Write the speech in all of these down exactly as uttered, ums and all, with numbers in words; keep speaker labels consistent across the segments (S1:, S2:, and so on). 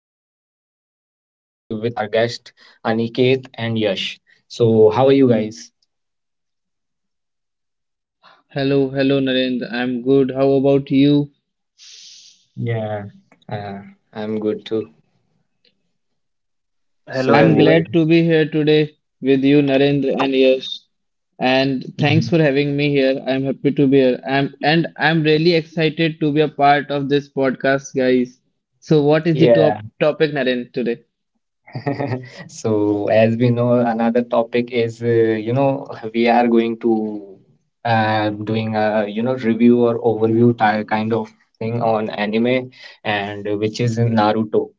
S1: and with another topic with our guest Aniket and Yash. So how are you guys?
S2: Hello, hello, Narendra. I'm good. How about you?
S1: Yeah. Uh, I'm good too.
S2: I'm
S1: So.
S3: Hello
S2: glad to
S3: everyone.
S2: be here today with you, Narendra and Yash. And thanks
S1: Mhm.
S2: for having me here. I'm happy to be here. I'm and I'm really excited to be a part of this podcast, guys. So, what is the
S1: Yeah.
S2: top topic, Narendra, today?
S1: So as we know, another topic is uh, you know we are going to uh, doing a you know review or overview type kind of thing on anime and uh, which is in Naruto.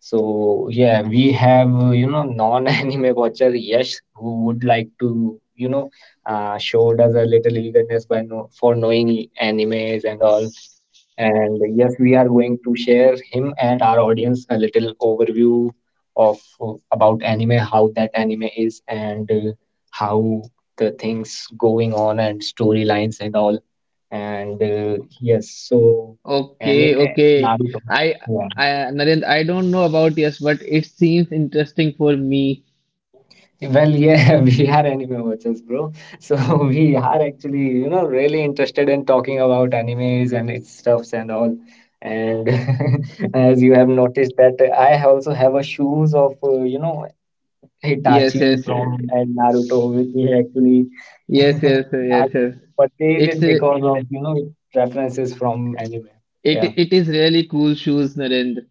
S1: So yeah, we have uh, you know non-anime watcher Yash who would like to you know uh, showed us a little eagerness by no for knowing e- animes and all. And yes, we are going to share him and our audience a little overview of uh, about anime, how that anime is, and uh, how the things going on and storylines and all. And uh, yes, so anime
S2: Okay, okay.
S1: Naruto.
S2: I,
S1: Yeah.
S2: I, Narendra, I don't know about yes, but it seems interesting for me.
S1: Well, yeah, we are anime watchers, bro. So we are actually, you know, really interested in talking about animes and its stuffs and all. And as you have noticed that I also have a shoes of, uh, you know,
S2: Yes,
S1: Hitachi
S2: yes, yes,
S1: from and Naruto, which we actually
S2: yes, yes,
S1: I
S2: yes.
S1: purchased
S2: It's
S1: it
S2: a-
S1: because of, you know, references from anime.
S2: it
S1: Yeah.
S2: it is really cool shoes, Narendra.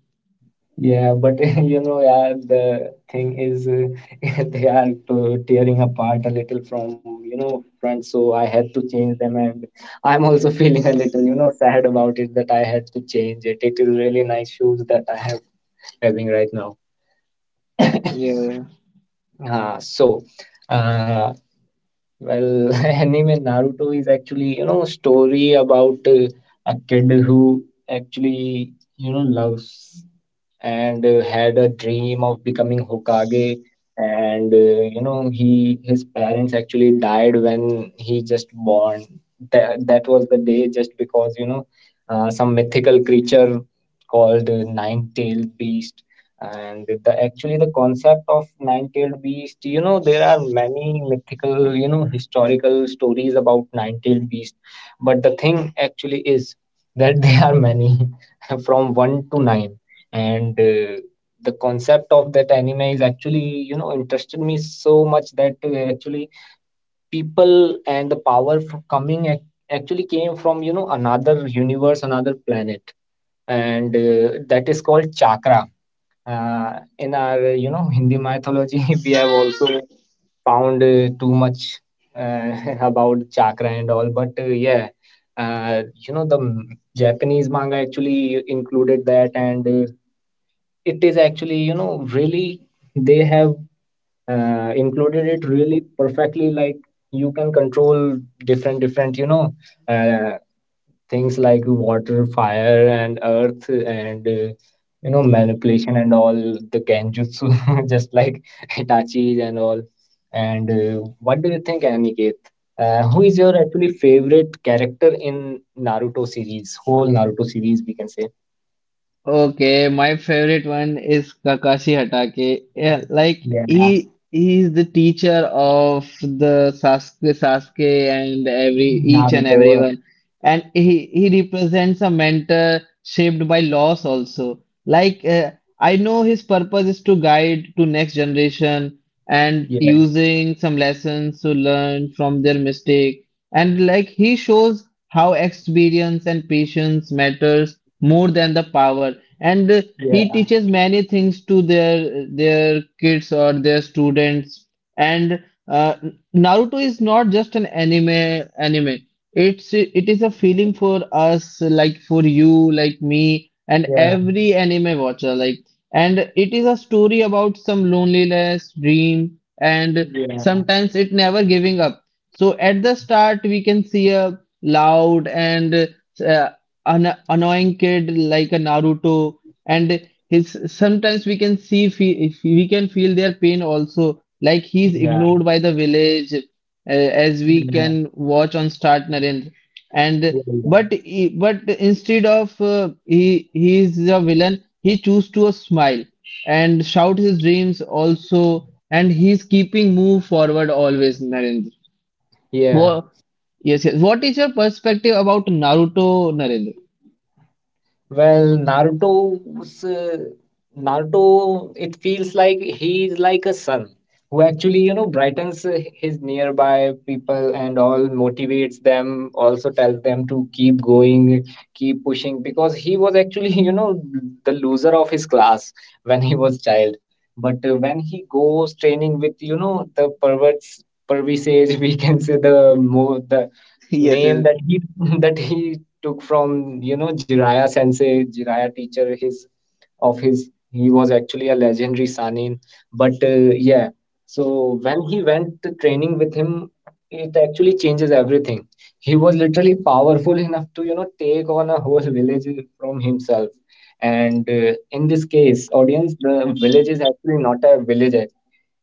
S1: Yeah, but you know, yeah, the thing is, uh, they are to tearing apart a little from, you know, front. So I had to change them, and I'm also feeling a little, you know, sad about it that I had to change it. It is really nice shoes that I have having right now.
S2: Yeah.
S1: Uh, so, uh, Well, anime Naruto is actually, you know, story about uh, a kid who actually, you know, loves and uh, had a dream of becoming Hokage. And, uh, you know, he his parents actually died when he just born. That, that was the day just because, you know, uh, some mythical creature called uh, Nine-tailed Beast and the actually the concept of nine-tailed beast, you know, there are many mythical, you know, historical stories about nine-tailed beast, but the thing actually is that there are many from one to nine, and uh, the concept of that anime is actually, you know, interested me so much that uh, actually people and the power f- coming ac- actually came from you know another universe, another planet, and uh, that is called chakra uh, in our, you know, Hindi mythology, we have also found uh, too much uh, about chakra and all, but uh, yeah, uh, you know the m- Japanese manga actually included that, and uh, it is actually you know really they have uh, included it really perfectly. Like you can control different different you know uh, things like water, fire, and earth, and uh, you know manipulation and all the genjutsu, just like Hitachi and all. And uh, what do you think, Aniket? Uh, who is your actually favorite character in Naruto series, whole Naruto series, we can say?
S2: Okay, my favorite one is Kakashi Hatake. Yeah, like
S1: Yeah,
S2: he he is the teacher of the Sasuke, Sasuke and every each and
S1: Naruto.
S2: everyone, and he he represents a mentor shaped by loss also. Like uh, I know his purpose is to guide to next generation and
S1: Yeah,
S2: using some lessons to learn from their mistake, and like he shows how experience and patience matters more than the power and uh, he
S1: yeah,
S2: teaches many things to their their kids or their students and uh, Naruto is not just an anime anime it's it is a feeling for us, like for you, like me and
S1: yeah,
S2: every anime watcher, like, and it is a story about some loneliness, dream and
S1: yeah,
S2: sometimes it never giving up. So at the start we can see a loud and uh, an annoying kid like a Naruto, and his sometimes we can see fe- if we can feel their pain also. Like he's
S1: yeah,
S2: ignored by the village, uh, as we
S1: yeah,
S2: can watch on Start Narendra. And
S1: yeah.
S2: but he- but instead of uh, he he is a villain, he choose to a smile and shout his dreams also, and he's keeping move forward always, Narendra.
S1: Yeah.
S2: Wha- yes, yes. What is your perspective about Naruto, Narendra?
S1: Well, Naruto's uh, Naruto, it feels like he is like a sun who actually, you know, brightens uh, his nearby people and all motivates them, also tells them to keep going, keep pushing because he was actually, you know, the loser of his class when he was child. But uh, when he goes training with, you know, the perverts, pervisage, we can say the more the
S2: Yes, yes,
S1: name that he that he took from you know Jiraiya sensei, Jiraiya teacher. His of his he was actually a legendary Sanin. But uh, yeah, so when he went to training with him, it actually changes everything. He was literally powerful enough to you know take on a whole village from himself. And uh, in this case, audience, the village is actually not a village,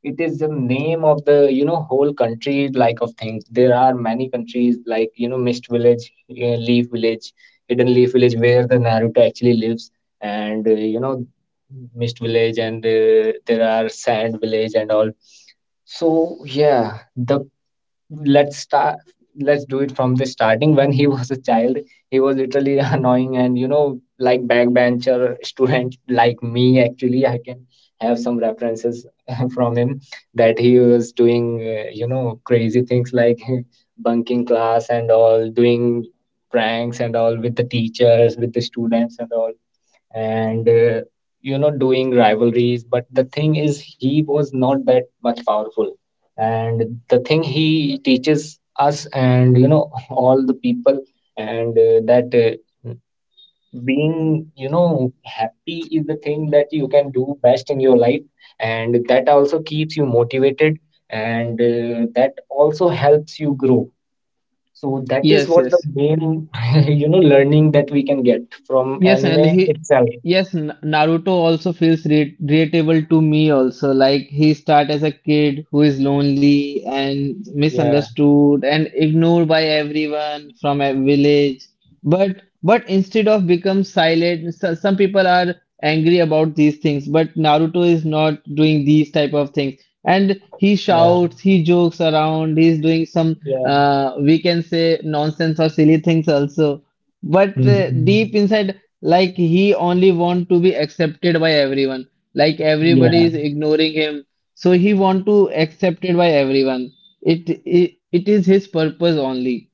S1: it is the name of the you know whole country like of things. There are many countries like you know mist village, uh, leaf village, hidden leaf village where the naruto actually lives, and uh, you know mist village, and uh, there are sand village and all. So yeah, the let's start let's do it from the starting. When he was a child he was literally annoying and you know like backbencher student like me, actually I can have some references from him that he was doing uh, you know crazy things like bunking class and all, doing pranks and all with the teachers, with the students and all, and uh, you know doing rivalries, but the thing is he was not that much powerful. And the thing he teaches us and you know all the people, and uh, that uh, being you know happy is the thing that you can do best in your life, and that also keeps you motivated, and uh, that also helps you grow. So that is
S2: yes,
S1: what the
S2: yes.
S1: main you know learning that we can get from
S2: Yes, and
S1: anime
S2: he,
S1: itself.
S2: yes, N- Naruto also feels re relatable to me also. Like he start as a kid who is lonely and
S1: Yeah.
S2: misunderstood and ignored by everyone from a village. But but instead of become silent, so, some people are angry about these things. But Naruto is not doing these type of things. And he
S1: Yeah.
S2: shouts, he jokes around, he's doing some
S1: Yeah.
S2: uh, we can say nonsense or silly things also. But uh,
S1: Mhm.
S2: deep inside. Like he only want to be accepted by everyone. Like everybody
S1: Yeah.
S2: is ignoring him, so he want to accepted by everyone. It it, it is his purpose only.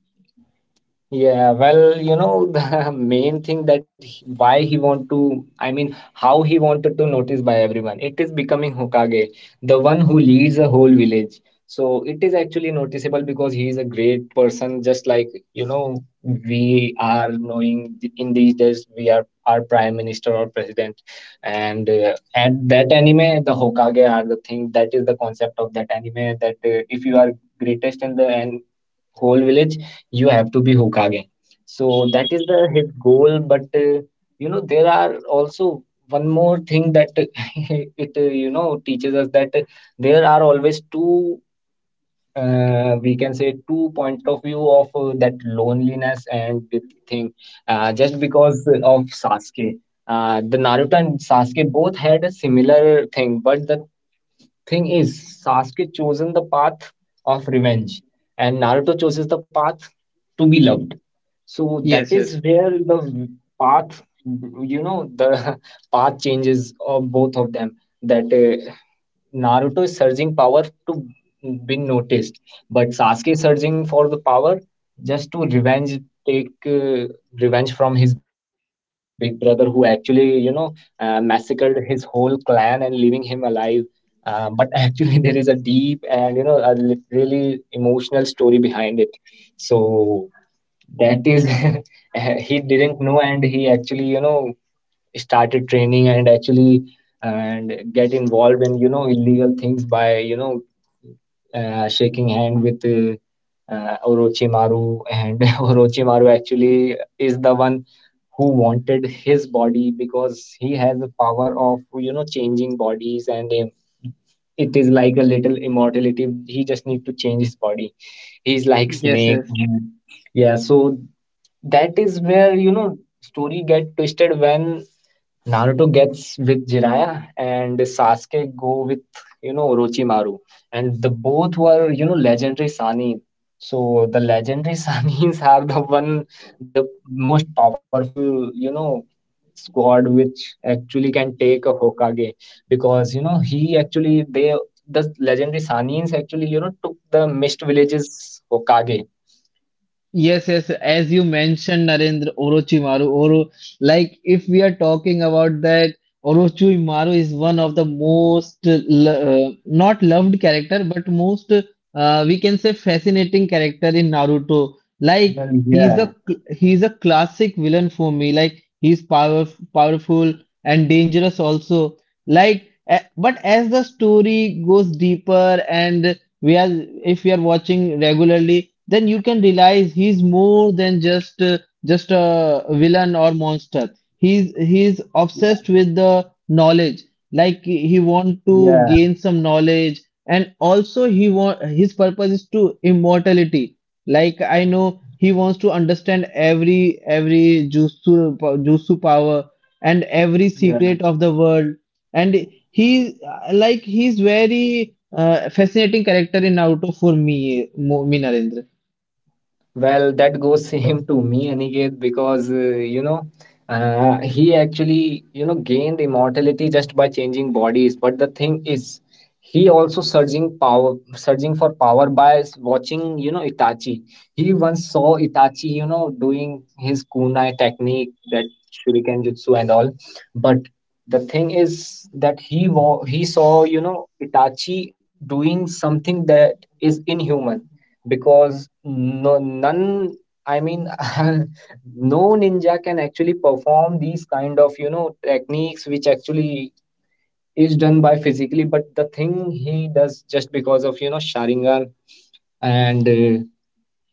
S1: Yeah, well, you know, the main thing that he, why he want to, I mean, how he wanted to notice by everyone. It is becoming Hokage, the one who leads a whole village. So it is actually noticeable because he is a great person, just like, you know, we are knowing th- in these days we are our prime minister or president. And uh, at that anime, the Hokage are the thing. That is the concept of that anime that uh, if you are greatest in the and whole village you have to be Hokage. So that is the his goal. But uh, you know there are also one more thing that it uh, you know teaches us that uh, there are always two uh, we can say two point of view of uh, that loneliness and the thing. Uh, just because of Sasuke, uh, the Naruto and Sasuke both had a similar thing, but the thing is, Sasuke chosen the path of revenge, and Naruto chooses the path to be loved. So that
S2: Yes, yes,
S1: is where the path, you know, the path changes of both of them. That uh, Naruto is surging power to be noticed, but Sasuke is searching for the power just to revenge, take uh, revenge from his big brother who actually, you know, uh, massacred his whole clan and leaving him alive. Um, but actually, there is a deep and you know a lit- really emotional story behind it. So that is he didn't know, and he actually you know started training and actually and get involved in you know illegal things by you know uh, shaking hand with uh, uh, Orochimaru, and Orochimaru actually is the one who wanted his body because he has the power of you know changing bodies, and um, it is like a little immortality, he just need to change his body, he's like
S2: yes,
S1: snake.
S2: yes.
S1: Yeah, so that is where you know story get twisted when Naruto gets with Jiraiya and Sasuke go with you know Orochimaru, and the both were you know legendary Sanin. So the legendary Sanins are the one the most powerful you know squad which actually can take a Hokage because you know he actually they the legendary Sanins actually you know took the mist villages Hokage.
S2: Yes, yes. As you mentioned, Narendra, Orochimaru, Oro, like if we are talking about that, Orochimaru is one of the most lo- uh, not loved character, but most uh, we can say fascinating character in Naruto.
S1: Well,
S2: Like
S1: yeah,
S2: he's a cl- he's a classic villain for me. Like he's power powerful and dangerous also. Like, a- but as the story goes deeper and we are if we are watching regularly then you can realize he's more than just uh, just a villain or monster. He's he's obsessed with the knowledge, like he he want
S1: yeah,
S2: to gain some knowledge, and also he want his purpose is to immortality. Like I know he wants to understand every every jutsu jutsu power and every
S1: yeah.
S2: secret of the world. And he uh, like he's very uh, fascinating character in Naruto for me mo- me, Narendra.
S1: Well, that goes same to me, Aniket, because uh, you know uh, he actually you know gained immortality just by changing bodies. But the thing is, he also surging power, surging for power by s- watching you know Itachi. He once saw Itachi, you know, doing his kunai technique, that shuriken jutsu and all. But the thing is that he wa- he saw you know Itachi doing something that is inhuman because no none I mean no ninja can actually perform these kind of you know techniques which actually is done by physically, but the thing he does just because of you know sharingan, and uh,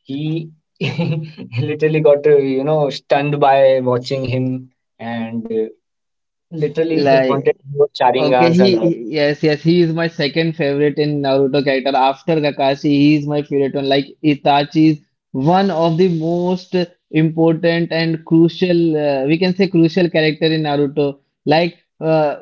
S1: he literally got uh, you know stunned by watching him, and uh, literally he wanted to go
S2: Okay,
S1: sharingans
S2: he
S1: and all.
S2: he- yes, yes, he is my second favorite in Naruto character after Kakashi. He is my favorite one. Like Itachi is one of the most important and crucial, uh, we can say crucial character in Naruto. Like uh,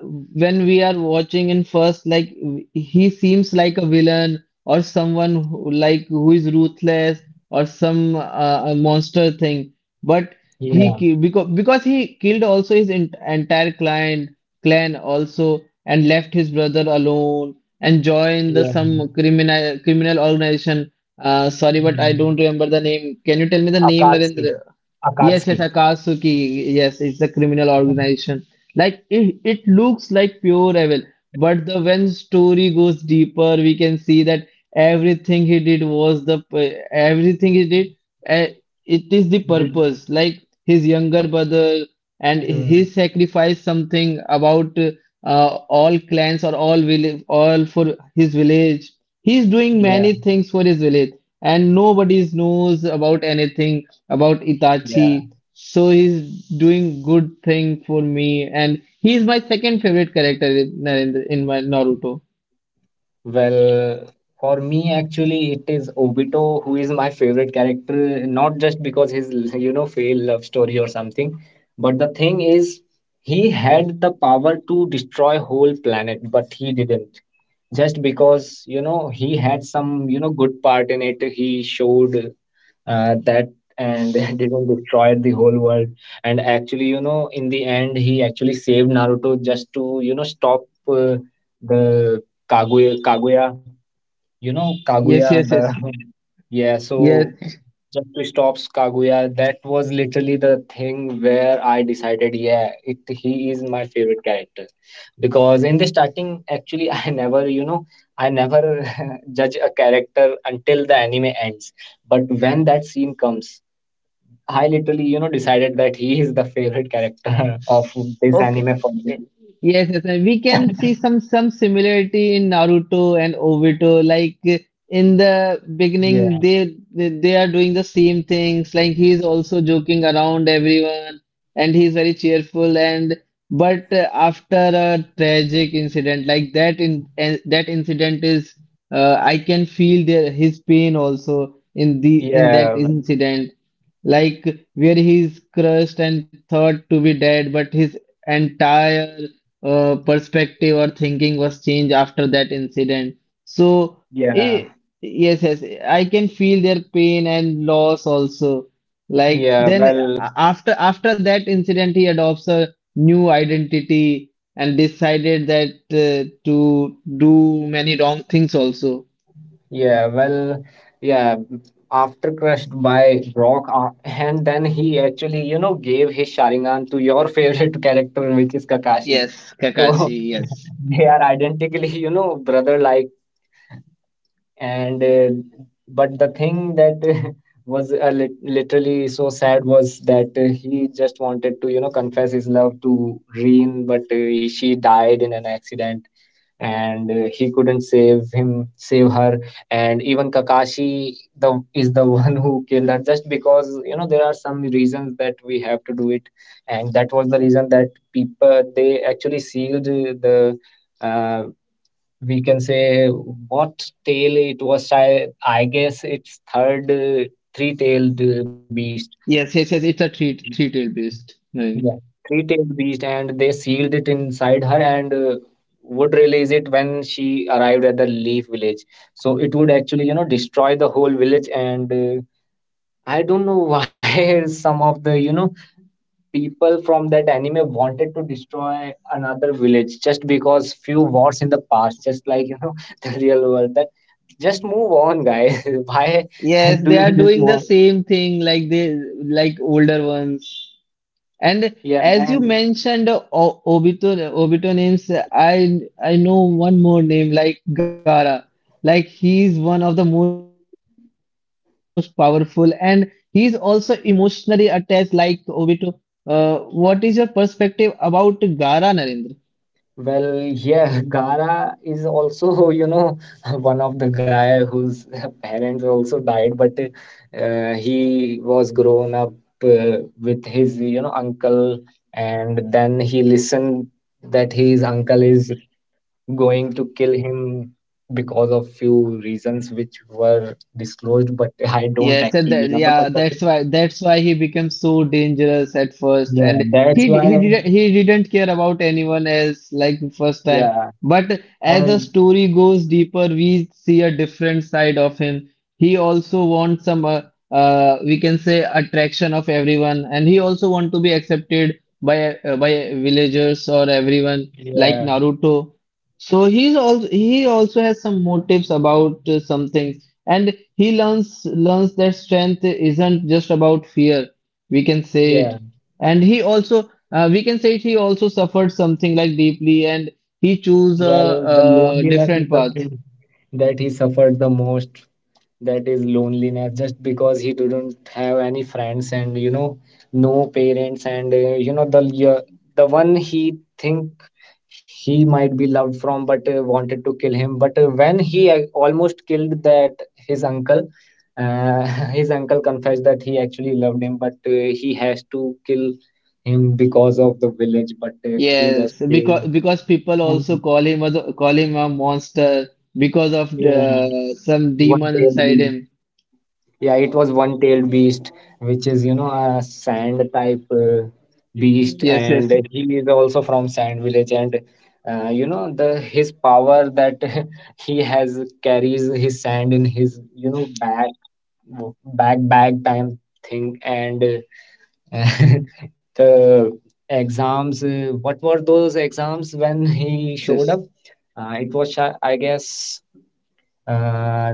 S2: when we are watching in first, like w- he seems like a villain or someone who, like who is ruthless or some uh, a monster thing, but
S1: Yeah,
S2: he because because he killed also his ent entire clan clan also and left his brother alone and joined the
S1: yeah.
S2: some criminal criminal organization. Uh, sorry, but I
S1: Mm.
S2: don't remember the name. Can you tell me the name,
S1: Akatsuki.
S2: Narendra? Yes,
S1: Akatsuki.
S2: yes, Akatsuki. Yes, it's a criminal organization. Like it, it looks like pure evil, but the when story goes deeper, we can see that everything he did was the p- everything he did. Uh, it is the
S1: Did,
S2: purpose. Like his younger brother, and he sacrificed something about uh, all clans or all village, all for his village. He's doing many
S1: mm.
S2: things for his village, and nobody knows about anything about
S1: Yeah.
S2: Itachi. So he's doing good thing for me, and he's my second favorite character in Narendra in my Naruto.
S1: Well, for me, actually, it is Obito who is my favorite character, not just because his, you know, failed love story or something, but the thing is, he had the power to destroy whole planet, but he didn't. Just because, you know, he had some, you know, good part in it, he showed uh, that and didn't destroy the whole world. And actually, you know, in the end, he actually saved Naruto just to, you know, stop. Uh, The Kaguya, Kaguya, you know, Kaguya,
S2: Yes, yes,
S1: the
S2: yes,
S1: yeah, so
S2: yes.
S1: just to stop Kaguya, that was literally the thing where I decided, yeah, it he is my favorite character. Because in the starting, actually, I never, you know, I never judge a character until the anime ends. But when that scene comes, I literally, you know, decided that he is the favorite character of this
S2: Okay.
S1: anime for
S2: Yeah.
S1: me.
S2: Yes, yes, and we can see some some similarity in Naruto and Obito. Like uh, in the beginning,
S1: Yeah,
S2: they they they are doing the same things. Like he's also joking around everyone, and he's very cheerful. And but uh, after a tragic incident like that, in and that incident is, uh, I can feel their his pain also in the in that
S1: yeah,
S2: incident like where he's crushed and thought to be dead, but his entire uh, perspective or thinking was changed after that incident. So,
S1: yeah.
S2: eh, yes, yes, I can feel their pain and loss also. Like
S1: Yeah,
S2: then
S1: well,
S2: a- after after that incident, he adopts a new identity and decided that uh, to do many wrong things also.
S1: yeah, well, yeah. After crushed by Rock, uh, and then he actually, you know, gave his Sharingan to your favorite character, which is Kakashi.
S2: Yes,
S1: So
S2: Kakashi. Yes,
S1: they are identically, you know, brother-like. and uh, but the thing that was uh, lit- literally so sad was that uh, he just wanted to you know confess his love to Reen, but uh, she died in an accident, and uh, he couldn't save him save her. And even Kakashi the is the one who killed her, just because you know there are some reasons that we have to do it. And that was the reason that people, they actually sealed uh, the, uh, we can say, what tail it was. I i guess it's third, uh, three-tailed, uh, beast.
S2: yes, yes, yes. It's a three three-tailed beast.
S1: Yeah, three-tailed beast, and they sealed it inside her, and uh, would release it when she arrived at the Leaf Village, so it would actually you know destroy the whole village. And uh, I don't know why some of the you know people from that anime wanted to destroy another village, just because few wars in the past, just like you know the real world. That just move on, guys. Why
S2: Yes,
S1: do
S2: they
S1: you
S2: are
S1: just
S2: doing the
S1: move on?
S2: same thing like they like older ones. And
S1: Yeah,
S2: as you
S1: and
S2: mentioned, uh, o Obito Obito names, uh, I I know one more name like Gara. Like he's one of the most powerful, and he's also emotionally attached like Obito. Uh, what is your perspective about Gara, Narendra?
S1: well, yeah, Gara is also you know one of the guy whose parents also died, but uh, he was grown up uh, with his you know uncle. And then he listened that his uncle is going to kill him, because of few reasons which were disclosed, but I don't
S2: Yes, and
S1: actually
S2: that,
S1: remember.
S2: yeah,
S1: But that,
S2: that's why that's why he becomes so dangerous at first,
S1: yeah,
S2: and
S1: that's
S2: he he
S1: why.
S2: didn't he didn't care about anyone else like the first time.
S1: Yeah,
S2: But as the
S1: and
S2: story goes deeper, we see a different side of him. He also wants some uh, uh we can say attraction of everyone, and he also want to be accepted by uh, by villagers or everyone like
S1: yeah,
S2: Naruto. So he's also he also has some motives about uh, something, and he learns learns that strength isn't just about fear, we can say it.
S1: yeah.
S2: And he also uh, we can say it, he also suffered something like deeply and he chose
S1: Well, the
S2: a, a
S1: loneliness is
S2: different
S1: the
S2: path.
S1: thing that he suffered the most, that is loneliness, just because he didn't have any friends, and you know no parents, and uh, you know the yeah, the one he think he might be loved from, but uh, wanted to kill him, but uh, when he uh, almost killed that his uncle, uh, his uncle confessed that he actually loved him, but uh, he has to kill him because of the village, but uh, he was.
S2: Yes,
S1: Yeah.
S2: because because people also
S1: And
S2: call him a, call him a monster because of
S1: yeah,
S2: the, some
S1: one
S2: demon
S1: failed
S2: inside
S1: me.
S2: him.
S1: Yeah, it was one-tailed beast, which is, you know, a sand type uh, beast,
S2: Yes,
S1: and
S2: yes,
S1: he is also from Sand Village. And uh, you know, the his power that he has, carries his sand in his, you know, back back bag time thing. And uh, the
S2: yes, yes,
S1: exams,
S2: yes,
S1: uh, what were those exams when he showed up? Uh, it was, uh, I guess, uh,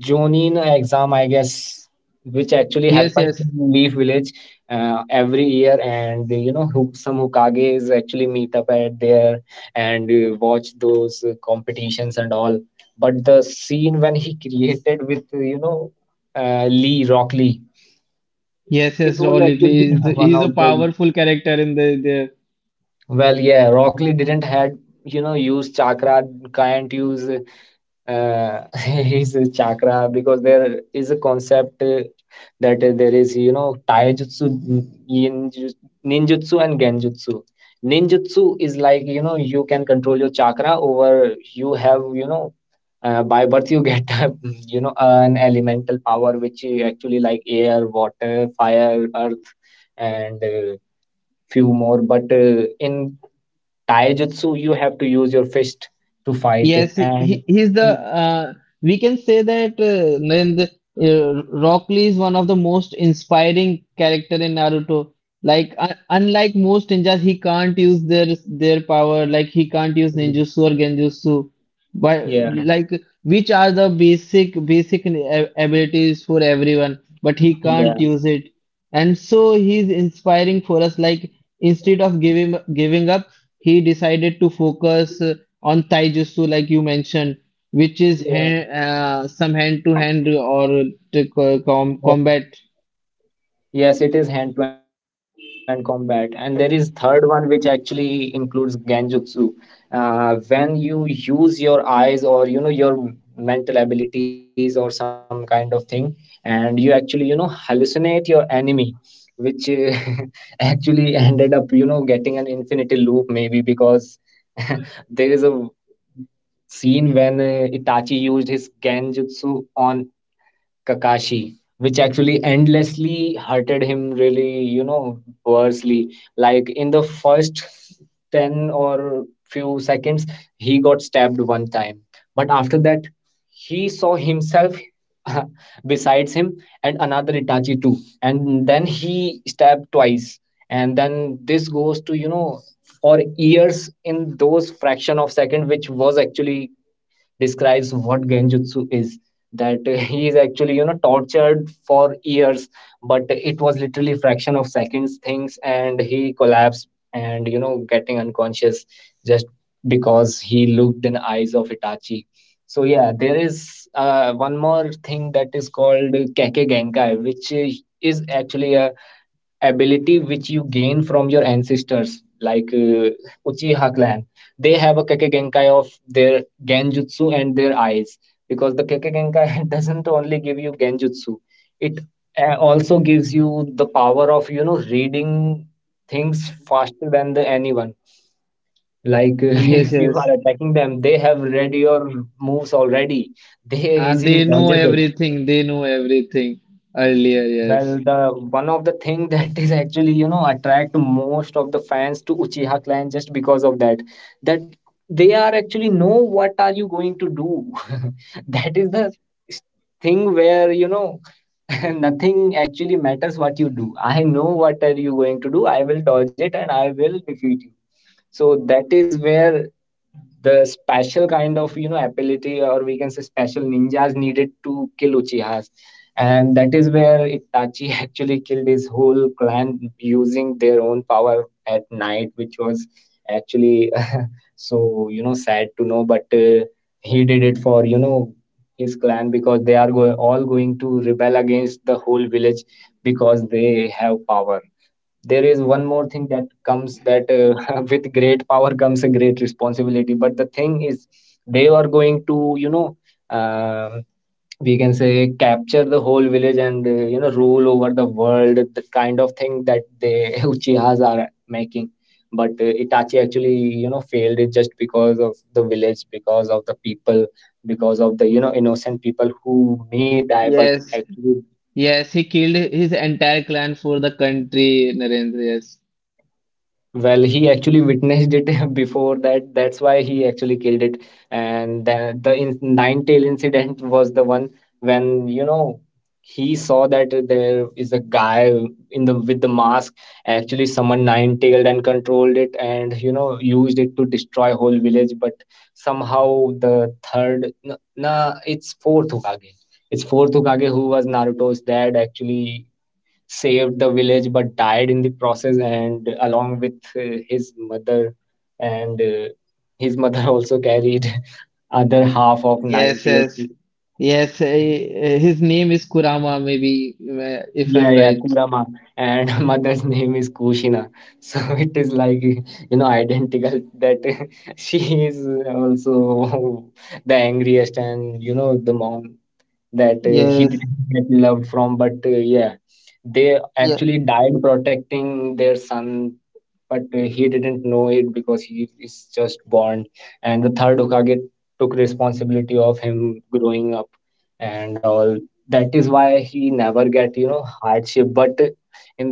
S1: Jonin exam, I guess, which actually
S2: yes,
S1: happens
S2: yes,
S1: in Leaf Village uh, every year, and you know, who, some Hokages actually meet up at there, and uh, watch those uh, competitions and all. But the scene when he created with uh, you know uh, Lee Rock Lee,
S2: yes,
S1: it
S2: yes
S1: was
S2: Raul
S1: actually
S2: Italy.
S1: one
S2: He's
S1: of
S2: a
S1: the.
S2: powerful character in the the,
S1: Well, yeah, Rock Lee didn't had you know use chakra, can't use uh, his chakra, because there is a concept uh, that uh, there is you know taijutsu, n- ninjutsu, and genjutsu. Ninjutsu is like you know you can control your chakra over, you have you know uh, by birth you get a, you know an elemental power, which is actually like air, water, fire, earth, and uh, few more, but uh, in taijutsu you have to use your fist to fight it,
S2: Yes, he,
S1: and.
S2: he- he's the. Uh, we can say that uh, Narendra, uh, Rock Lee is one of the most inspiring character in Naruto. Like un unlike most ninjas, he can't use their their power. Like he can't use ninjutsu or genjutsu, but
S1: Yeah,
S2: like which are the basic basic ab- abilities for everyone. But he
S1: yeah,
S2: can't use it, and so he's inspiring for us. Like instead of giving giving up he decided to focus uh, on taijutsu like you mentioned, which is
S1: yeah.
S2: hand, uh, some hand to hand or to co-
S1: Yeah.
S2: com- combat.
S1: Yes, it is hand-to-hand combat, and there is third one which actually includes genjutsu. Uh, when you use your eyes, or you know your mental abilities, or some kind of thing, and you actually you know hallucinate your enemy, which uh, actually ended up you know getting an infinity loop maybe, because there is a scene when uh, Itachi used his genjutsu on Kakashi, which actually endlessly hurted him really, you know, worsley. Like in the first ten or few seconds, he got stabbed one time. But after that, he saw himself besides him, and another Itachi too. And then he stabbed twice. And then this goes to, you know, for years in those fraction of second, which was actually describes what genjutsu is, that uh, he is actually you know tortured for years, but it was literally fraction of seconds things, and he collapsed and you know getting unconscious, just because he looked in eyes of Itachi. So yeah, there is uh, one more thing that is called Keke Genkai, which uh, is actually a ability which you gain from your ancestors, like uh, Uchiha clan. They have a Keke Genkai of their Genjutsu and their eyes, because the Keke Genkai doesn't only give you Genjutsu, it uh, also gives you the power of you know reading things faster than the anyone. Like
S2: Yes,
S1: if you are
S2: yes,
S1: attacking them, they have read your moves already. They
S2: uh,
S1: easily
S2: they know
S1: dodges it.
S2: everything they know everything earlier,
S1: Well,
S2: yes
S1: the one of the thing that is actually you know attract most of the fans to Uchiha clan, just because of that, that they are actually know what are you going to do. That is the s- thing where you know nothing actually matters what you do. I know what are you going to do. I will dodge it, and I will defeat you. So that is where the special kind of you know ability, or we can say special ninjas, needed to kill Uchihas, and that is where Itachi actually killed his whole clan using their own power at night, which was actually so you know sad to know, but uh, he did it for you know his clan, because they are go- all going to rebel against the whole village, because they have power. There is one more thing that comes, that uh, with great power comes a great responsibility, but the thing is, they are going to you know um we can say capture the whole village, and uh, you know rule over the world, the kind of thing that they Uchihas are making. But uh, Itachi actually you know failed it, just because of the village, because of the people, because of the you know innocent people who may die, but
S2: yes
S1: actually.
S2: yes he killed his entire clan for the country, Narendra. yes
S1: Well, he actually witnessed it before that. That's why he actually killed it. And the, the in, nine tail incident was the one when you know he saw that there is a guy in the with the mask, actually summoned nine tailed and controlled it, and you know used it to destroy whole village. But somehow, the third, no, nah, it's fourth Hokage. It's fourth Hokage, who was Naruto's dad, actually saved the village, but died in the process, and along with uh, his mother. And uh, his mother also carried other half of nine
S2: yes
S1: tails.
S2: yes yes uh, his name is Kurama maybe, uh, if
S1: Yeah,
S2: I'm
S1: yeah,
S2: right.
S1: Kurama. And mother's name is Kushina. So it is like, you know, identical, that she is also the angriest and, you know, the mom that uh, he
S2: Yes.
S1: didn't get loved from. But uh, yeah, they
S2: Yeah.
S1: actually died protecting their son, but uh, he didn't know it, because he is just born. And the third Hokage took responsibility of him growing up and all, that is why he never get you know hardship, but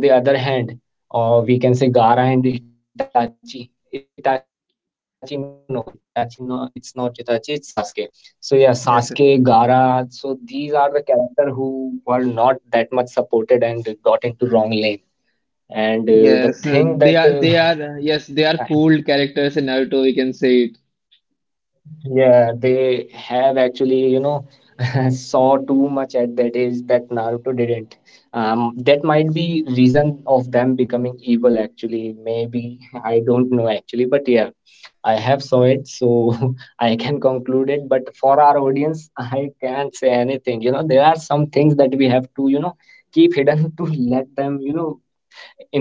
S1: in the other hand, or we can say Gara and itachi itachi no, no, Itachi, no, it's not Itachi, it's Sasuke. So yeah, Sasuke, Gara, so
S2: Yes, yes.
S1: these are the character who were not that much supported and got into wrong lane. And uh, the thing that
S2: Yes,
S1: uh,
S2: uh, they are they are uh, yes, they are cool characters in Naruto, we can say it.
S1: yeah, they have actually, you know, saw too much at that age that Naruto didn't. Um, that might be reason of them becoming evil actually. Maybe I don't know actually, but yeah, I have saw it, so I can conclude it. But for our audience, I can't say anything. You know, there are some things that we have to, you know, keep hidden to let them, you know,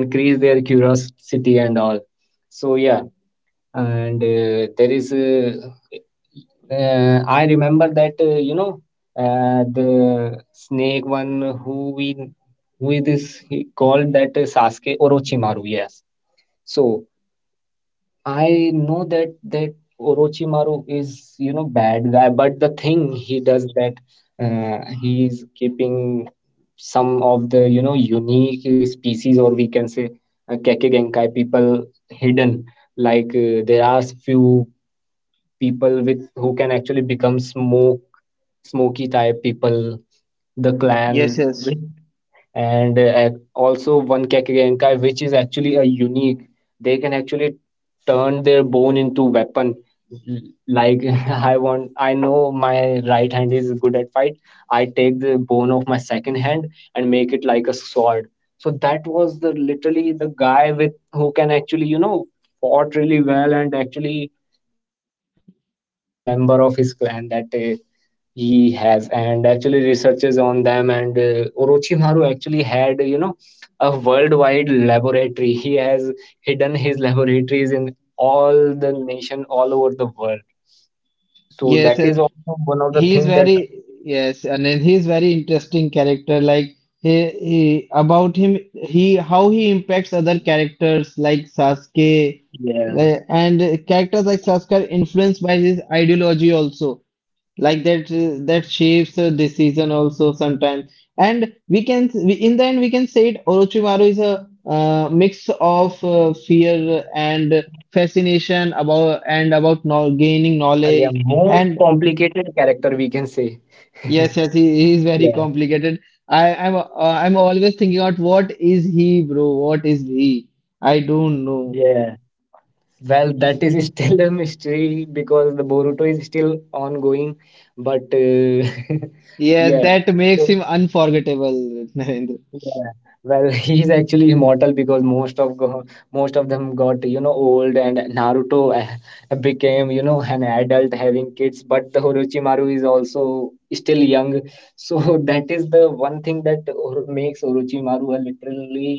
S1: increase their curiosity and all. So yeah, and uh, there is, uh, uh, I remember that uh, you know uh, the snake one, who we who is this he called that, uh, Sasuke. Orochimaru. Yes. So I know that that Orochimaru is you know bad guy, but the thing he does that, uh, he is keeping some of the you know unique uh, species, or we can say uh, Kekkei Genkai people hidden, like, uh, there are few people with who can actually become smoke smoky type people, the clan
S2: Yes, yes. Mm.
S1: with- and uh, also one kakegenkai which is actually a unique. They can actually turn their bone into weapon, like, i want i know my right hand is good at fight. I take the bone of my second hand and make it like a sword. So that was the literally the guy with who can actually you know fought really well, and actually one of the last member of his clan that uh, he has, and actually researches on them. And uh, Orochimaru actually had you know a worldwide laboratory. He has hidden his laboratories in all the nation all over the world. So
S2: Yes,
S1: that
S2: yes.
S1: is also one of the
S2: He is
S1: thing that,
S2: very yes, and then he is very interesting character. Like he, he about him he how he impacts other characters like Sasuke,
S1: yeah,
S2: like, and characters like Sasuke are influenced by his ideology also. Like that uh, that shapes a decision also sometimes, and we can we, in the end we can say it Orochimaru is a uh, mix of uh, fear and fascination about and about no, gaining
S1: and they are
S2: knowledge.
S1: most
S2: And
S1: complicated character, we can say.
S2: yes, yes, he, he is
S1: Yeah,
S2: very complicated. i i'm uh, I'm always thinking out what is he, bro, what is he. I don't know.
S1: yeah. Well, that is still a mystery because the Boruto is still ongoing, but uh,
S2: Yes,
S1: yeah,
S2: that
S1: so,
S2: makes him unforgettable. Narendra.
S1: yeah. Well, he's actually immortal because most of go- most of them got you know old, and Naruto uh, became you know an adult having kids, but the Orochimaru is also still young. So that is the one thing that or- makes Orochimaru a literally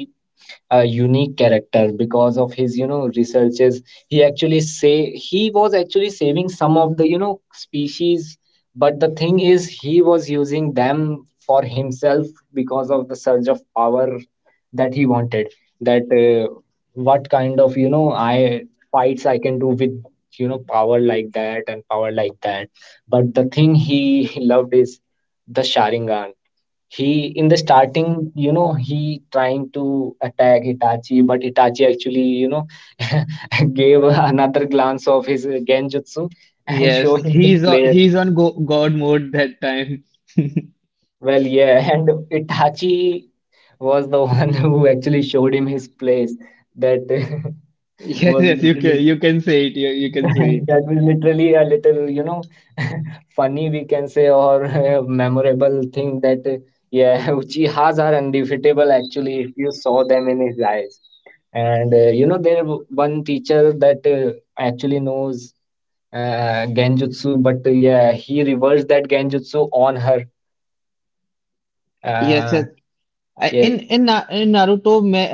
S1: a unique character, because of his you know researches. He actually say he was actually saving some of the you know species, but the thing is he was using them for himself because of the surge of power that he wanted, that uh, what kind of you know I fights I can do with you know power like that and power like that. But the thing he loved is the Sharingan. He, in the starting, you know, he trying to attack Itachi, but Itachi actually, you know, gave another glance of his uh, genjutsu, and show
S2: Yes,
S1: him his
S2: he's o-
S1: place.
S2: he's on go God mode that time.
S1: Well, yeah, and Itachi was the one who actually showed him his place. That
S2: Yes,
S1: was
S2: yes, you
S1: literally
S2: can you can say it. You, you can say it.
S1: that was literally a little, you know, funny, we can say, or a memorable thing, that uh, yeah, Uchihas are undefeatable actually if you saw them in his eyes. And uh, you know, there w- one teacher that uh, actually knows uh, genjutsu, but uh, yeah, he reversed that genjutsu on her.
S2: Yes, yes.
S1: Uh,
S2: I,
S1: yeah,
S2: in in Na- in Naruto, me,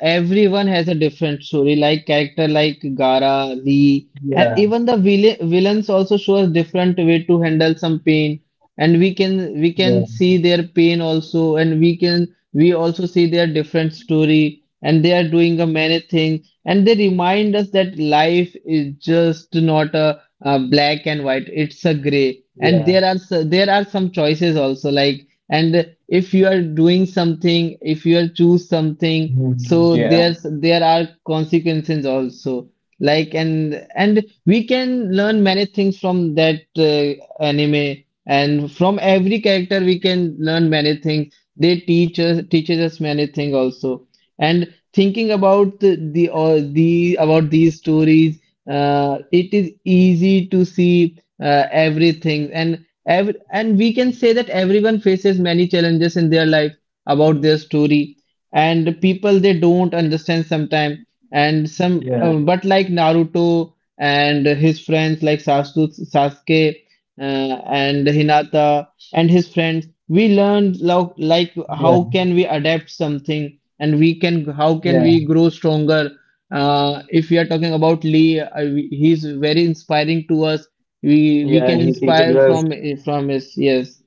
S2: everyone has a different story. Like character like Gaara, Lee,
S1: yeah,
S2: and even the villain, villains also show us different way to handle some pain. And we can we
S1: yeah,
S2: can see their pain also, and we can we also see their different story. And they are doing a many things, and they remind us that life is just not a, uh, black and white. It's a gray, and
S1: yeah.
S2: there are s- there are some choices also. Like, and if you are doing something, if you are choose something,
S1: Mhm.
S2: so
S1: Yeah,
S2: there's there are consequences also. Like, and and we can learn many things from that uh, anime. And from every character we can learn many things. They teach us teaches us many things also. And thinking about the, the or the about these stories, uh, it is easy to see uh, everything. And Ev- and we can say that everyone faces many challenges in their life, about their story. And people, they don't understand sometimes. And some
S1: yeah,
S2: uh, but like Naruto and his friends, like Sasu- sasuke uh, and Hinata and his friends, we learned lo-
S1: yeah,
S2: like how can we adapt something, and we can how
S1: yeah.
S2: can we grow stronger. uh, if we are talking about Lee, uh, we- he's very inspiring to us. We we
S1: Yeah,
S2: can
S1: he teaches
S2: inspire
S1: us.
S2: from from his. Yes,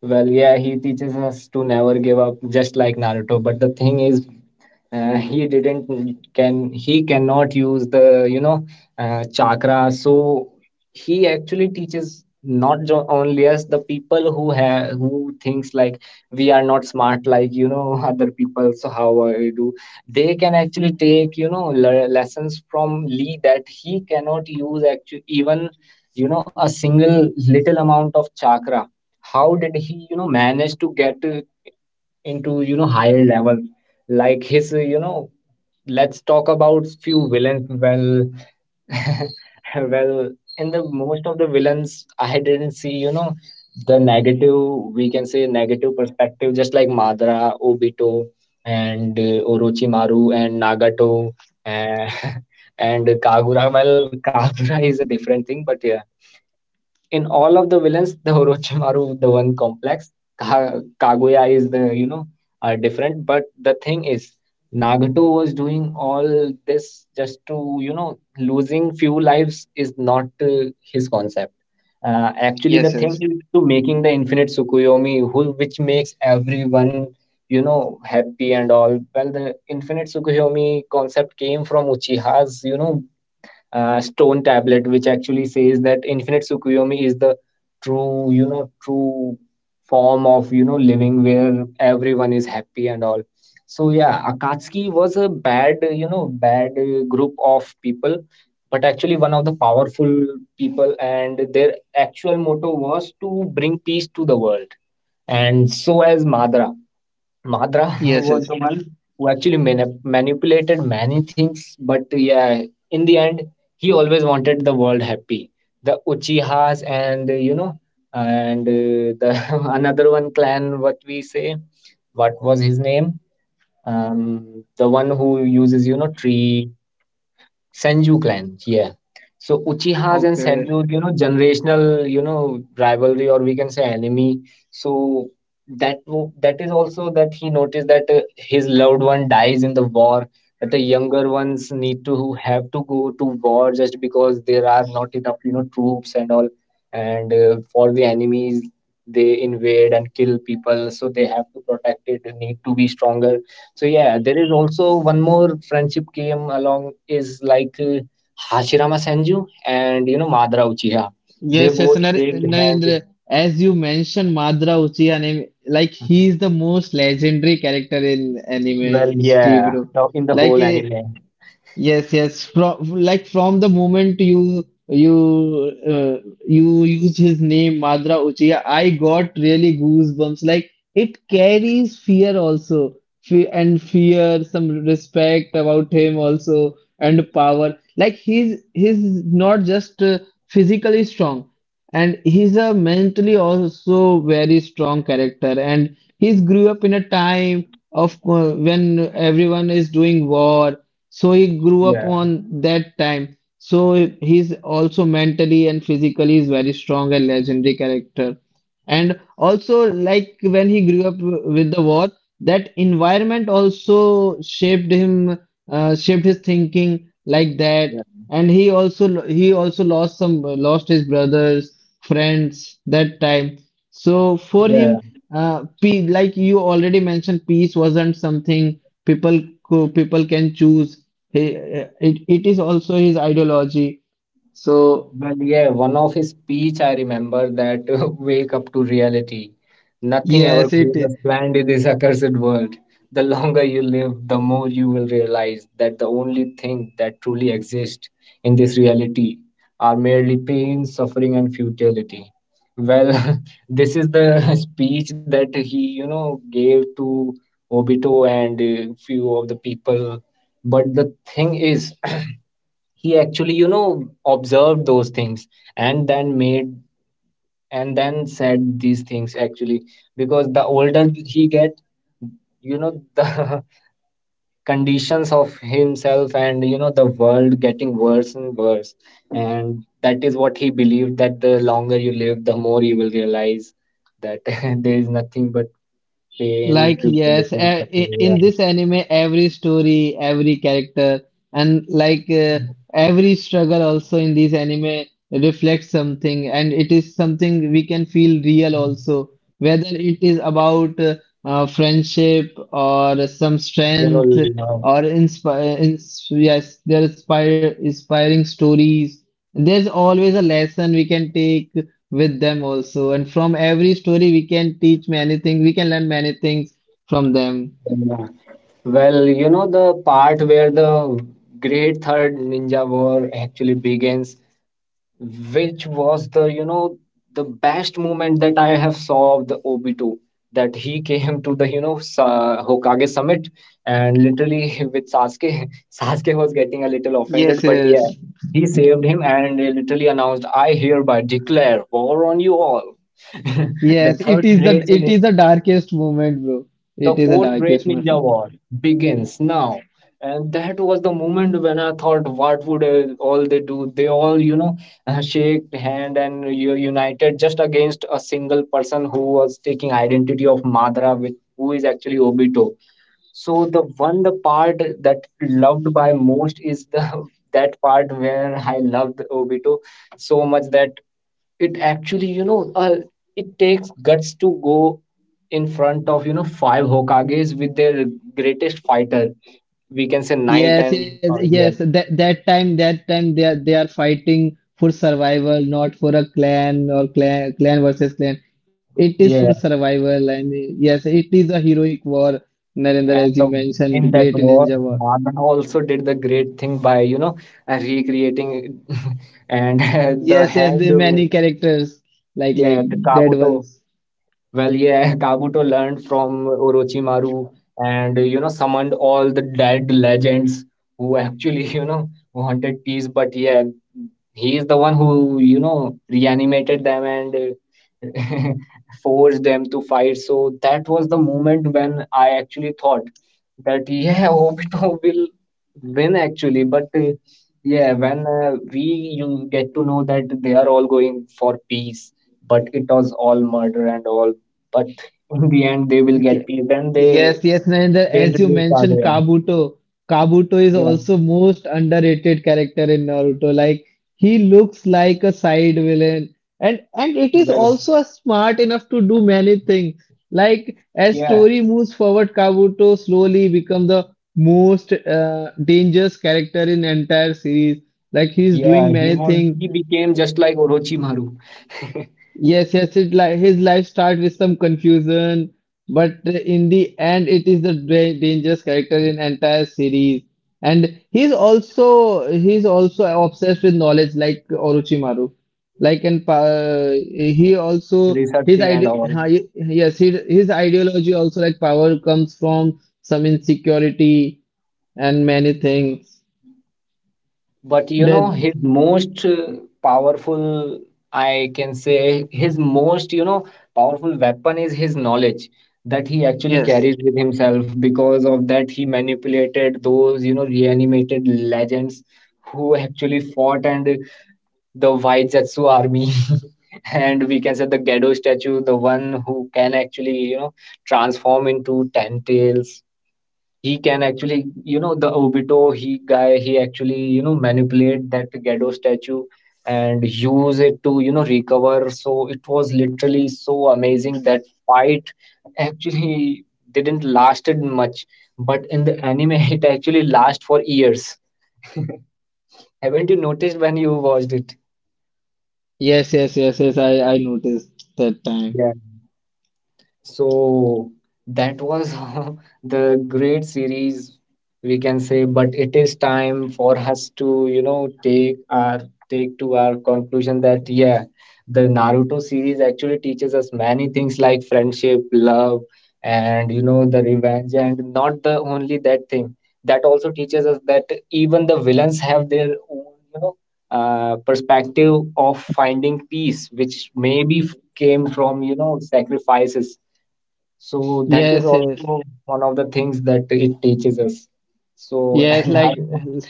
S1: Well, yeah, he teaches us to never give up, just like Naruto. But the thing is, uh, he didn't can he cannot use the you know uh, chakra, so he actually teaches not jo- only us, the people who have who thinks like we are not smart like, you know other people, so how I do, they can actually take, you know le- lessons from Lee, that he cannot use actually even you know a single little amount of chakra. How did he you know manage to get uh, into you know higher level, like his uh, you know let's talk about few villains. Well, well, in the most of the villains I didn't see, you know the negative, we can say negative perspective, just like Madara, Obito, and uh, Orochimaru and Nagato, and, and Kagura. Well, Kagura is a different thing, but yeah, in all of the villains, the Orochimaru, the one complex, Ka- Kaguya is the you know are different. But the thing is, Nagato was doing all this just to, you know losing few lives is not uh, his concept. Uh, actually,
S2: yes,
S1: the thing
S2: yes,
S1: is to making the Infinite Tsukuyomi, who which makes everyone you know happy and all. Well, the Infinite Tsukuyomi concept came from Uchiha's you know uh, stone tablet, which actually says that Infinite Tsukuyomi is the true you know true form of you know living where everyone is happy and all. So yeah, Akatsuki was a bad uh, you know bad uh, group of people, but actually one of the powerful people, and their actual motto was to bring peace to the world, and so as Madara. Madra
S2: yes, yes.
S1: was the one who actually manip- manipulated many things, but yeah, in the end, he always wanted the world happy. The Uchihas, and uh, you know, and uh, the another one clan, what we say, what was his name? Um, the one who uses you know tree. Sanju clan, yeah. So Uchihas and
S2: Okay.
S1: Sanju, you know, generational, you know, rivalry, or we can say enemy. So that wo- that is also that he noticed that uh, his loved one dies in the war, that the younger ones need to have to go to war, just because there are not enough, you know, troops and all, and uh, for the enemies they invade and kill people, so they have to protect it. They need to be stronger, so yeah, there is also one more friendship came along, is like, uh, Hashirama Senju and you know Madara Uchiha. They
S2: Yes, yes.
S1: both
S2: Nar-
S1: shake hands.
S2: Narendra as you mentioned Madara Uchiha name, like he is the most legendary character in anime
S1: Well,
S2: history,
S1: yeah,
S2: bro.
S1: now in the
S2: Like,
S1: whole
S2: eh,
S1: anime.
S2: yes, yes. From, like, from the moment you you uh, you use his name Madara Uchiha, I got really goosebumps. Like, it carries fear also. Fe- and fear, some respect about him also, and power. Like, he's he's not just uh, physically strong, and he's a mentally also very strong character. And he's grew up in a time of uh, when everyone is doing war, so he grew up
S1: Yeah,
S2: on that time. So he's also mentally and physically is very strong and legendary character. And also, like, when he grew up with the war, that environment also shaped him, uh, shaped his thinking like that.
S1: yeah,
S2: And he also, he also lost some lost his brothers, friends that time. So for
S1: yeah.
S2: him, uh, pe- like you already mentioned, peace wasn't something people co- people can choose. He- it, it is also his ideology, so
S1: Well, yeah, one of his speech I remember that, wake up to reality. Nothing ever
S2: yes, it
S1: goes
S2: is.
S1: as planned in this accursed world. The longer you live, the more you will realize that the only thing that truly exists in this reality are merely pain, suffering, and futility. Well, this is the speech that he, you know, gave to Obito and a few of the people. But the thing is, he actually, you know, observed those things, and then made and then said these things actually, because the older he get, you know, the conditions of himself and you know the world getting worse and worse, and that is what he believed, that the longer you live, the more you will realize that, there is nothing but pain,
S2: Like, yes,
S1: tribulation,
S2: a- i-
S1: suffering, yeah.
S2: in this anime, every story, every character, and like uh, every struggle also in this anime reflects something, and it is something we can feel real also. Whether it is about uh, uh, friendship or some
S1: You know
S2: strength,
S1: love,
S2: or inspire, ins yes, there are inspire, inspiring stories. There's always a lesson we can take with them also. And from every story, we can teach many things. We can learn many things from them.
S1: yeah. Well, you know the part where the great third ninja war actually begins, which was the you know the best moment that I have saw of the Obito, that he came to the, you know Sa- Hokage summit, and literally with Sasuke. Sasuke was getting a little
S2: Yes,
S1: offended, but yeah,
S2: yes,
S1: he saved him and literally announced, I hereby declare war on you all. the
S2: yes. It
S1: third
S2: is the,
S1: grade
S2: it is the darkest moment, bro.
S1: the
S2: It is the
S1: fourth Great
S2: darkest moment, bro.
S1: Ninja War begins now. And that was the moment when I thought, what would uh, all they do? They all, you know, uh, shake hand and u- united just against a single person who was taking identity of Madara, with who is actually Obito. So the one the part that loved by most is the that part where I loved Obito so much that it actually you know uh, it takes guts to go in front of, you know five Hokages with their greatest fighter, we can say, knight,
S2: Yes,
S1: and
S2: yes,
S1: uh,
S2: yes.
S1: yes.
S2: That that time, that time they are, they are fighting for survival, not for a clan or clan clan versus clan. It is for
S1: Yeah,
S2: survival, and yes, it is a heroic war. Narendra,
S1: and
S2: as
S1: the,
S2: you
S1: in
S2: mentioned,
S1: that
S2: great
S1: war
S2: Ninja War.
S1: Marvel also did the great thing by, you know uh, recreating, and the
S2: Yes, yes, the
S1: hand, uh,
S2: many characters, like like
S1: yeah, the
S2: dead
S1: Kabuto.
S2: ones.
S1: Well, yeah, Kabuto learned from Orochimaru and, you know, summoned all the dead legends, who actually, you know, wanted peace. But yeah, he is the one who, you know, reanimated them and uh, forced them to fight. So that was the moment when I actually thought that, yeah, Obito will win actually. But uh, yeah, when uh, we you get to know that they are all going for peace, but it was all murder and all. But in the end they will
S2: Ye-
S1: get paid. Then they
S2: Yes, yes. Narendra,
S1: they
S2: as you
S1: introduced
S2: mentioned,
S1: Kaguya.
S2: Kabuto. Kabuto is
S1: Yeah,
S2: also most underrated character in Naruto. Like, he looks like a side villain, and and it is
S1: well,
S2: also a smart enough to do many things. Like, as
S1: yeah,
S2: story moves forward, Kabuto slowly become the most uh, dangerous character in entire series. Like, he's
S1: yeah.
S2: doing
S1: He
S2: many
S1: was
S2: things.
S1: he became just like Orochimaru,
S2: Yes, yes, it li his life starts with some confusion, but uh, in the end, it is the da- dangerous character in entire series. And he's also, he's also obsessed with knowledge, like Orochimaru. Like, and uh, he also his
S1: researching
S2: ide
S1: and all.
S2: uh, yes, he, his ideology also, like, power comes from some insecurity and many things.
S1: But, you
S2: That
S1: know his most uh, powerful, I can say his most you know powerful weapon is his knowledge that he actually
S2: yes,
S1: carries with himself. Because of that, he manipulated those, you know reanimated legends who actually fought, and the white Zetsu army, and we can say the Gedo statue, the one who can actually, you know, transform into ten tails. He can actually, you know, the Obito he guy, he actually, you know, manipulate that Gedo statue and use it to, you know, recover. So it was literally so amazing, that fight actually didn't lasted much, but in the anime it actually last for years. Haven't you noticed when you watched it?
S2: yes, yes, yes, yes. I I noticed that time.
S1: So that was the great series, we can say, but it is time for us to, you know, take our take to our conclusion, that yeah, the Naruto series actually teaches us many things like friendship, love, and, you know, the revenge, and not the only that thing. That also teaches us that even the villains have their own, you know, uh, perspective of finding peace, which maybe f- came from, you know, sacrifices, so that is
S2: Yes, yes.
S1: also one of the things that it teaches us. So
S2: Yes,
S1: and I,
S2: like,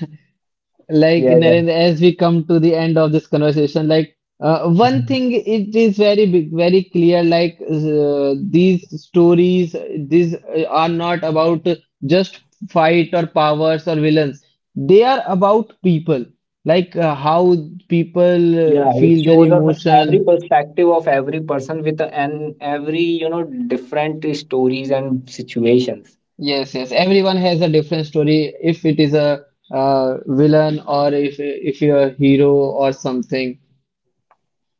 S2: like
S1: yeah, yeah.
S2: Narendra, as we come to the end of this conversation, like uh, one
S1: Mhm.
S2: thing it is very big, very clear. Like, uh, these stories, these uh, are not about just fight or powers or villains. They are about people, like uh, how people uh,
S1: Yeah, it
S2: feel their
S1: shows us every
S2: emotion.
S1: perspective of every person with an every, you know, different stories and situations.
S2: Yes, yes. Everyone has a different story. If it is a uh, villain, or if if you're a hero or something.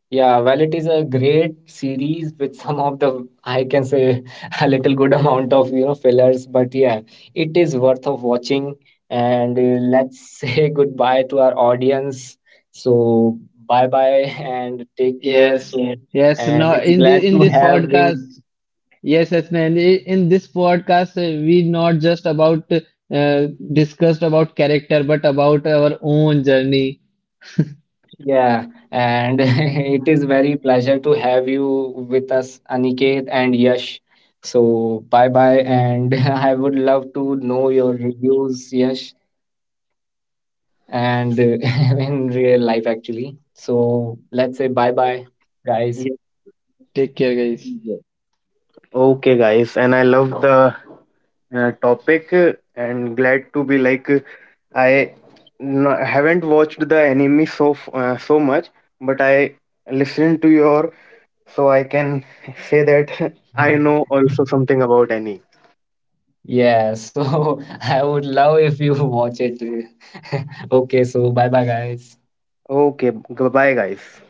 S1: Yeah, well, it is a great series with some of the, I can say, a little good amount of, you know, fillers. But yeah, it is worth of watching. And uh, let's say goodbye to our audience. So bye bye, and take care.
S2: Yes,
S1: So,
S2: yes.
S1: and
S2: No,
S1: it's
S2: in
S1: glad
S2: the in
S1: to
S2: this podcast,
S1: having,
S2: yes, yes. No, In the- in this podcast, uh, we not just about uh, discussed about character, but about our own journey.
S1: yeah. And it is very pleasure to have you with us, Aniket and Yash. So bye bye, and I would love to know your reviews, Yash. And uh, in real life actually. So let's say bye bye, guys.
S3: Yes,
S2: Take care, guys.
S3: yes. Okay, guys, and I love the uh, topic, uh, and glad to be like uh, I no, haven't watched the anime so f- uh, so much, but I listened to your, so I can say that I know also something about anime.
S1: Yeah, so I would love if you watch it. Okay, so bye bye, guys.
S3: Okay, goodbye, guys.